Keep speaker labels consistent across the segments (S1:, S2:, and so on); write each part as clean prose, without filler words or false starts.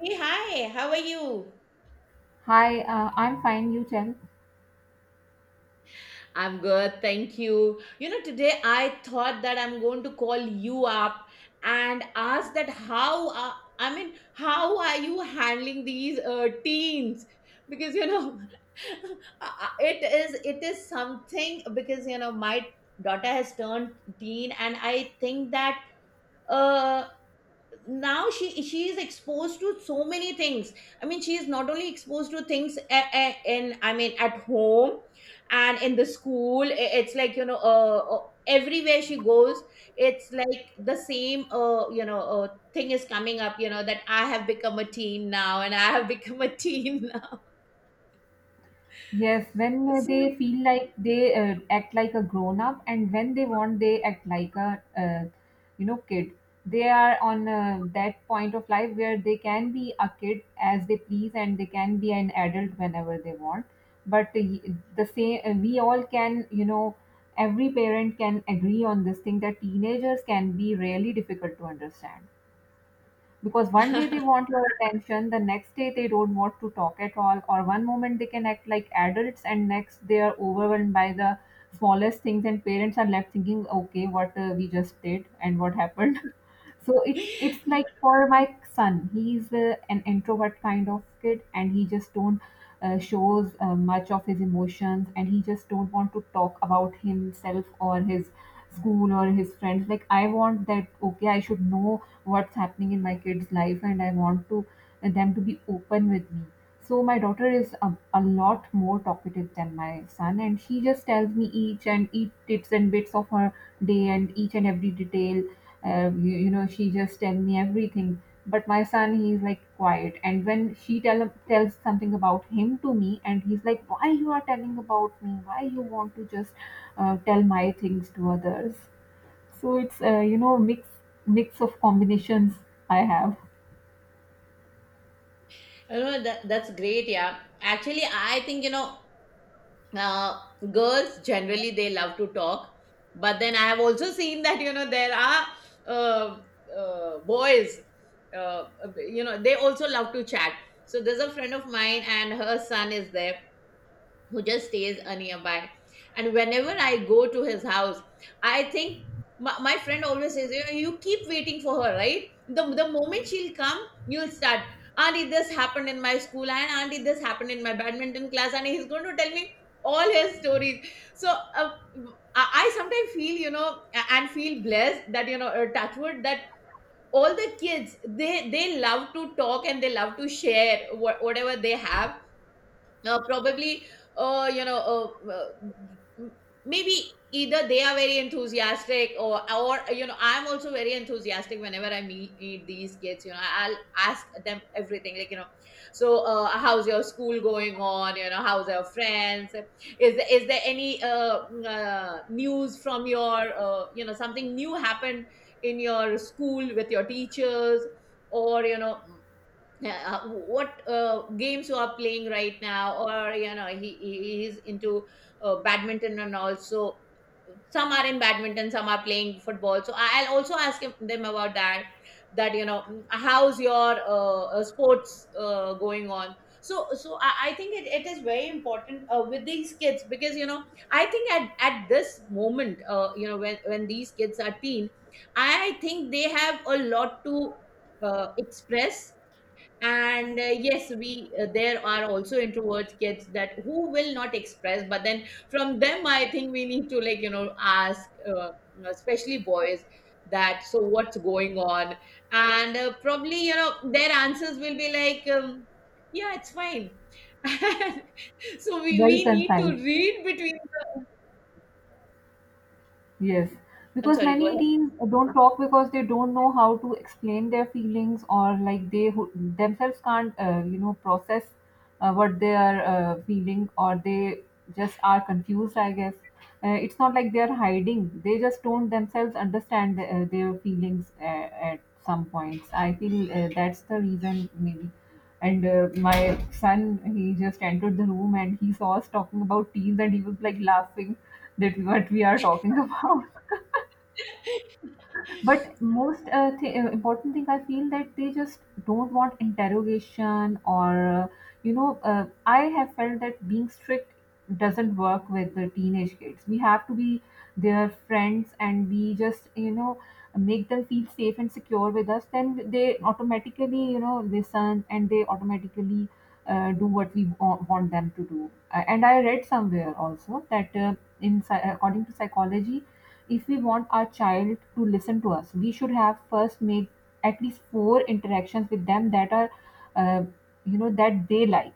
S1: Hey, hi, how are you?
S2: Hi, I'm fine. You tell.
S1: I'm good, thank you. You know, today I thought that I'm going to call you up and ask that how how are you handling these teens? Because it is something because you know my daughter has turned teen, and I think that uh, now she is exposed to so many things. I mean, she is not only exposed to things in, I mean at home and in the school. It's like everywhere she goes it's like the same, thing is coming up. You know that I have become a teen now and I have become a teen now.
S2: Yes, when
S1: so,
S2: they feel like they act like a grown up, and when they want, they act like a kid. They are on that point of life where they can be a kid as they please, and they can be an adult whenever they want. But the same, we all can, every parent can agree on this thing that teenagers can be really difficult to understand. Because one day they want your attention, the next day they don't want to talk at all, or one moment they can act like adults and next they are overwhelmed by the smallest things, and parents are left thinking, okay, what we just did and what happened. So it's like for my son, he's an introvert kind of kid, and he just don't shows much of his emotions, and he just don't want to talk about himself or his school or his friends. Like I want that. Okay, I should know what's happening in my kid's life, and I want to them to be open with me. So my daughter is a lot more talkative than my son, and she just tells me each and each tips and bits of her day and each and every detail. You, you know, She just tells me everything. But my son, he's like quiet, and when she tells something about him to me, and he's like, "Why you are telling about me? Why you want to just tell my things to others?" So it's mix of combinations I have,
S1: You know, that's great. Yeah. Actually, I think, uh, girls generally they love to talk, but then I have also seen that you know there are uh, boys, uh, you know, they also love to chat. So there's a friend of mine and her son is there who just stays nearby. And whenever I go to his house, I think my friend always says, you keep waiting for her, right? The moment she'll come, you'll start, Auntie, this happened in my school, and Auntie, this happened in my badminton class, and he's going to tell me all his stories. So I sometimes feel, you know, and feel blessed that, you know, Touchwood, that all the kids, they love to talk and they love to share whatever they have, probably you know m- maybe either they are very enthusiastic, or you know I'm also very enthusiastic whenever I meet these kids. You know, I'll ask them everything, like you know, so how's your school going on, you know, how's your friends, is there any news from your, you know, something new happened in your school with your teachers, or you know. Yeah, what games you are playing right now, or you know he is into badminton and also some are in badminton, some are playing football, so I'll also ask them about that, that you know, how's your sports going on. So I think it is very important with these kids because you know, I think at this moment, you know, when these kids are teen, I think they have a lot to express. And yes, we there are also introvert kids that who will not express, but then from them I think we need to, like you know, ask, you know, especially boys, that so what's going on. And probably you know their answers will be like yeah, it's fine. So
S2: very
S1: we need to
S2: concise.
S1: read between.
S2: Yes,
S1: I'm
S2: because
S1: sorry, go
S2: many
S1: ahead.
S2: teens don't talk because they don't know how to explain their feelings, or like they who themselves can't, process what they are feeling, or they just are confused, I guess. It's not like they're hiding, they just don't themselves understand their feelings at some points. I feel that's the reason, maybe. And my son, he just entered the room and he saw us talking about teens and he was like laughing that what we are talking about. But most important thing I feel that they just don't want interrogation or I have felt that being strict doesn't work with the teenage kids. We have to be their friends, and we just, you know, make them feel safe and secure with us, then they automatically, you know, listen, and they automatically do what we want them to do. And I read somewhere also that according to psychology, if we want our child to listen to us, we should have first made at least four interactions with them that are, uh, you know, that they like.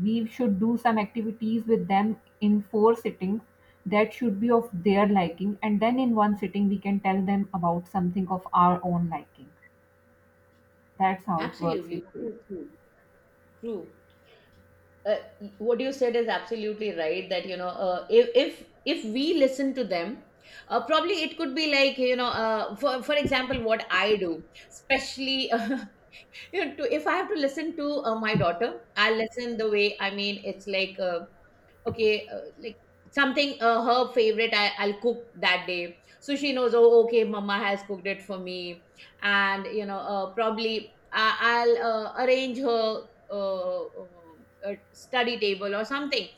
S2: We should do some activities with them in four sittings that should be of their liking, and then in one sitting, we can tell them about something of our own liking. That's how it works with
S1: Absolutely
S2: kids.
S1: true. True. uh, what you said is absolutely right, that you know, if if we listen to them, probably it could be like you know, for example what I do, especially you know, if I have to listen to my daughter, I'll listen the way, I mean it's like, okay, like something her favorite, I'll cook that day, so she knows, oh okay, mama has cooked it for me. And you know, probably I'll arrange her study table or something,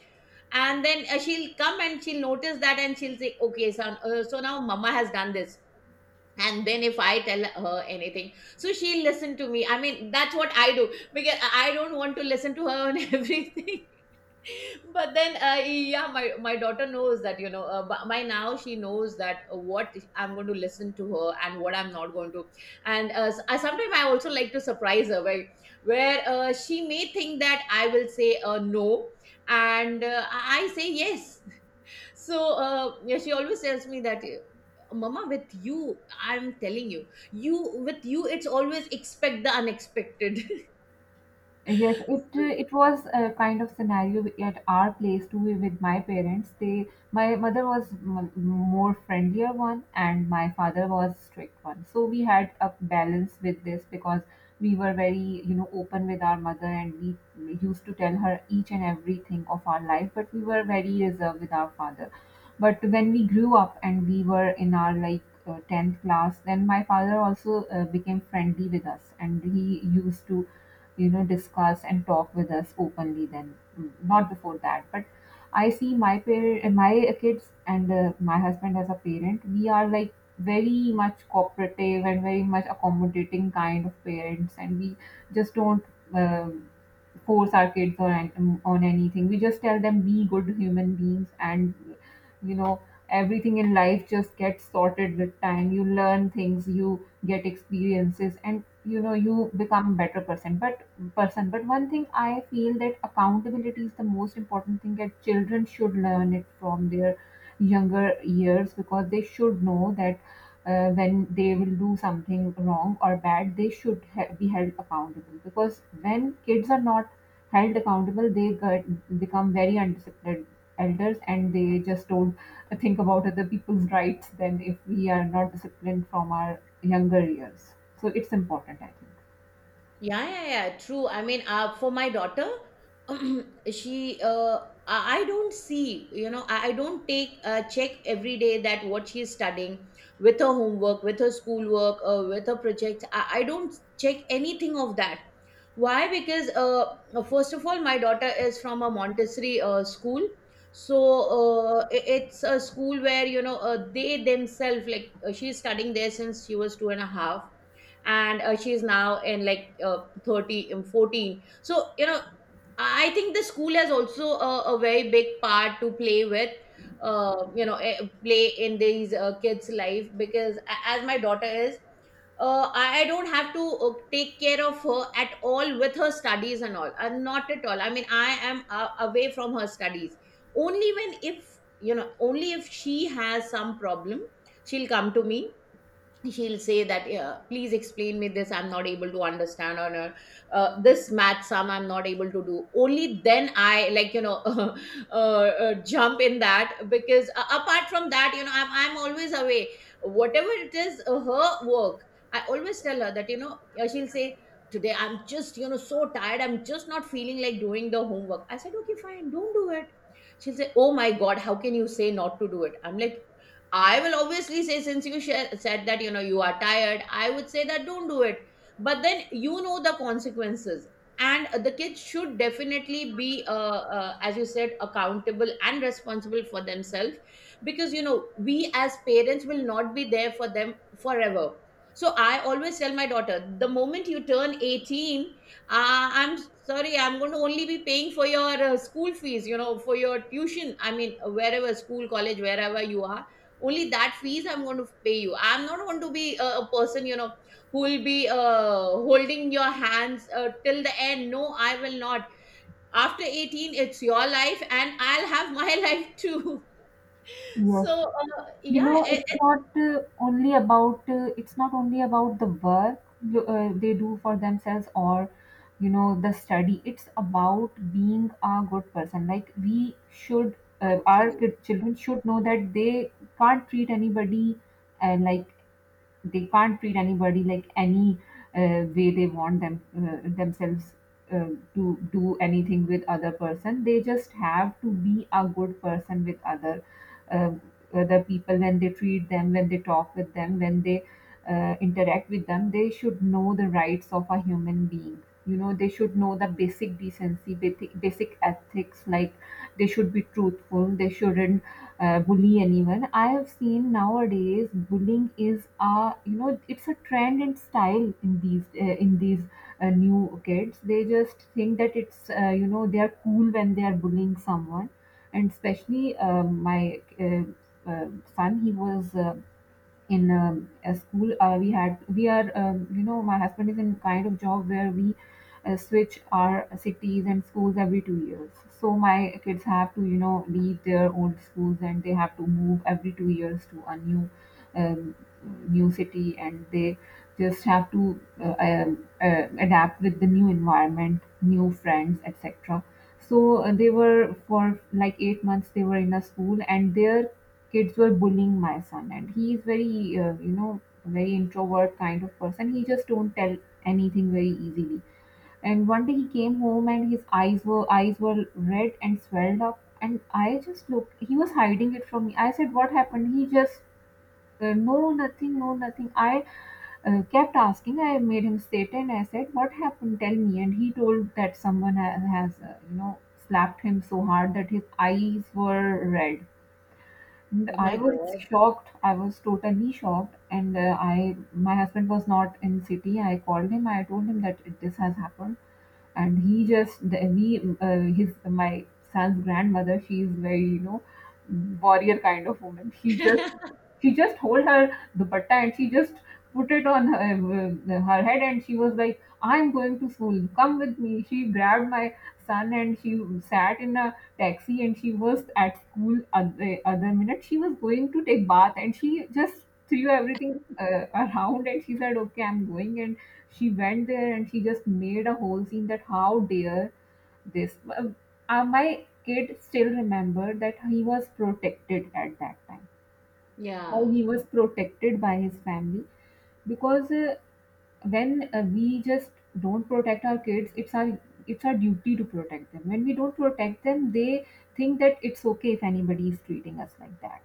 S1: and then she'll come and she'll notice that, and she'll say, okay son, so now mama has done this. And then if I tell her anything, so she'll listen to me. I mean, that's what I do, because I don't want to listen to her on everything. But then yeah, my daughter knows that you know, by now she knows that what I'm going to listen to her and what I'm not going to. And sometimes I also like to surprise her where, she may think that I will say no, and I say yes. So yeah, she always tells me that, mama, with you I'm telling you, with you it's always expect the unexpected.
S2: Yes, it it was a kind of scenario at our place too with my parents. They my mother was more friendlier one and my father was strict one. So we had a balance with this because we were very, you know, open with our mother, and we used to tell her each and everything of our life. But we were very reserved with our father. But when we grew up and we were in our like tenth class, then my father also became friendly with us, and he used to, you know, discuss and talk with us openly then. Mm, not before that, but I see my parent my kids and my husband as a parent, we are like very much cooperative and very much accommodating kind of parents, and we just don't um force our kids on anything. We just tell them be good human beings, and you know everything in life just gets sorted with time. You learn things, you get experiences, and you know you become a better person. But one thing I feel that accountability is the most important thing that children should learn it from their younger years, because they should know that when they will do something wrong or bad, they should be held accountable. Because when kids are not held accountable, they get become very undisciplined elders, and they just don't think about other people's rights then, if we are not disciplined from our younger years. So it's important, I think.
S1: Yeah, yeah. True. I mean, for my daughter, she, I don't see, you know, I don't take check every day that what she is studying, with her homework, with her schoolwork, with her projects. I don't check anything of that. Why? Because first of all, my daughter is from a Montessori school, so it's a school where you know they themselves, like she's studying there since she was two and a half, and she's now in like 30 14, so you know, I think the school has also a very big part to play with, uh, you know eh, play in these kids life. Because as my daughter is, I don't have to take care of her at all with her studies and all. Not at all. I mean, I am away from her studies. Only when, if you know, only if she has some problem, she'll come to me, she'll say that yeah, please explain me this, I'm not able to understand, or this math sum I'm not able to do. Only then I, like you know, jump in that, because apart from that you know I'm always away. Whatever it is, her work, I always tell her that you know, she'll say today I'm just, you know, so tired, I'm just not feeling like doing the homework. I said, okay fine, don't do it. She'll say, oh my god, how can you say not to do it? I'm like, I will obviously say, since you said that, you know, you are tired, I would say that don't do it. But then you know the consequences. And the kids should definitely be, as you said, accountable and responsible for themselves, because, you know, we as parents will not be there for them forever. So I always tell my daughter, the moment you turn 18, I'm sorry, I'm going to only be paying for your school fees, you know, for your tuition. I mean, wherever, school, college, wherever you are, only that fees I'm going to pay you. I'm not going to be a person you know who will be holding your hands till the end. No, I will not. After 18 it's your life, and I'll have my life too.
S2: Yes.
S1: So
S2: You
S1: yeah
S2: know, it's not only about it's not only about the work they do for themselves or you know the study. It's about being a good person. Like we should
S1: it's you.
S2: children should know that they can't treat anybody uh, like like any way they want them themselves uh, to do anything with other person. They just have to be a good person with other uh, other people when they treat them, when they talk with them, when they interact with them. They should know the rights of a human being. You know, they should know the basic decency, basic basic ethics, like they should be truthful, they shouldn't bully anyone. I have seen nowadays bullying is a, you know, it's a trend and style in these new kids. They just think that it's you know they are cool when they are bullying someone, and especially my uh, son. He was in a school. We had we are You know, my husband is in kind of job where we switch our cities and schools every 2 years. So my kids have to, you know, leave their old schools, and they have to move every 2 years to a new um, new city, and they just have to adapt with the new environment, new friends, etc. So they were for like 8 months they were in a school, and there kids were bullying my son, and he is very very introvert kind of person. He just don't tell anything very easily. And one day he came home and his eyes were red and swelled up, and I just looked, he was hiding it from me. I said, what happened? He just no nothing, no nothing. I kept asking, I made him sit, and I said, what happened, tell me. And he told that someone has slapped him so hard that his eyes were red. And
S1: Oh
S2: I
S1: my
S2: was
S1: god.
S2: shocked. I was totally shocked. And I my husband was not in city. I called him, I told him that this has happened, and he just the, we his my son's grandmother, she is very, you know, warrior kind of woman. She just hold her dupatta and she just put it on her, her head, and she was like, I'm going to school, come with me. She grabbed my son and she sat in a taxi, and she was at school other, other minute. She was going to take bath, and she just threw everything around, and she said, okay, I'm going. And she went there and she just made a whole scene, that how dare this. My kid still remember that he was protected at that time, how
S1: Yeah.
S2: he was protected by his family. Because when we just don't protect our kids, it's our duty to protect them. When we don't protect them, they think that it's okay if anybody is treating us like that.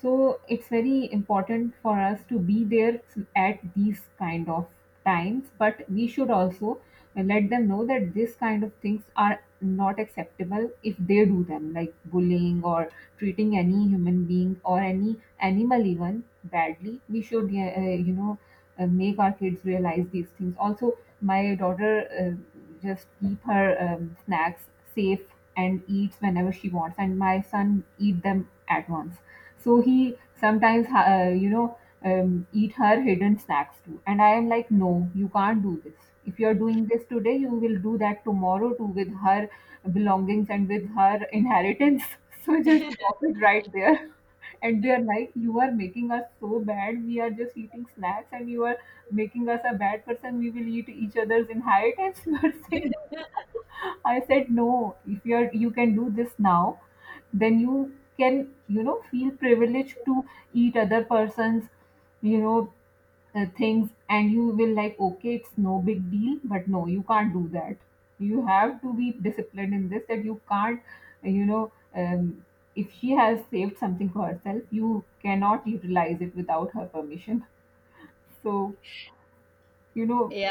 S2: So it's very important for us to be there at these kind of times, but we should also let them know that this kind of things are not acceptable. If they do them, like bullying or treating any human being or any animal even badly, we should make our kids realize these things. Also, my daughter just keep her snacks safe, and eats whenever she wants, and my son eat them at once. So he sometimes uh, you know eat her hidden snacks too, and I am like, no, you can't do this. If you are doing this today, you will do that tomorrow too with her belongings and with her inheritance. So just stop it right there. And they are like, you are making us so bad, we are just eating snacks, and you are making us a bad person, we will eat each other's inheritance, you are saying. I said, no, if you are you can do this now, then you can, you know, feel privileged to eat other person's, you know, things, and you will like, okay, it's no big deal. But no, you can't do that. You have to be disciplined in this, that you can't uh, you know um, if she has saved something for herself, you cannot utilize it without her permission. So you know.
S1: Yeah,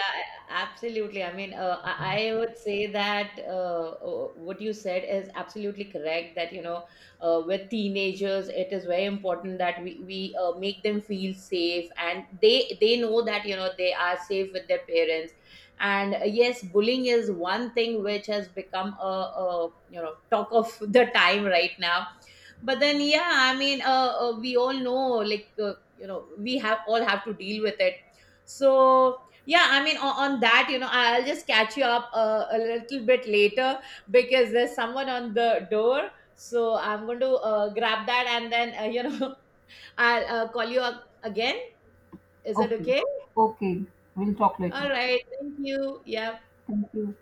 S1: absolutely. I mean, I would say that what you said is absolutely correct. That you know, with teenagers, it is very important that we make them feel safe, and they know that you know they are safe with their parents. And yes, bullying is one thing which has become a you know talk of the time right now. But then, yeah, I mean, we all know, like you know, we have all have to deal with it. So yeah, I mean, on that, you know, I'll just catch you up a little bit later, because there's someone on the door. So I'm going to grab that, and then, you know, I'll call you up again. Is it
S2: Okay.
S1: okay?
S2: Okay, we'll talk later.
S1: All right. Thank you. Yeah.
S2: Thank you.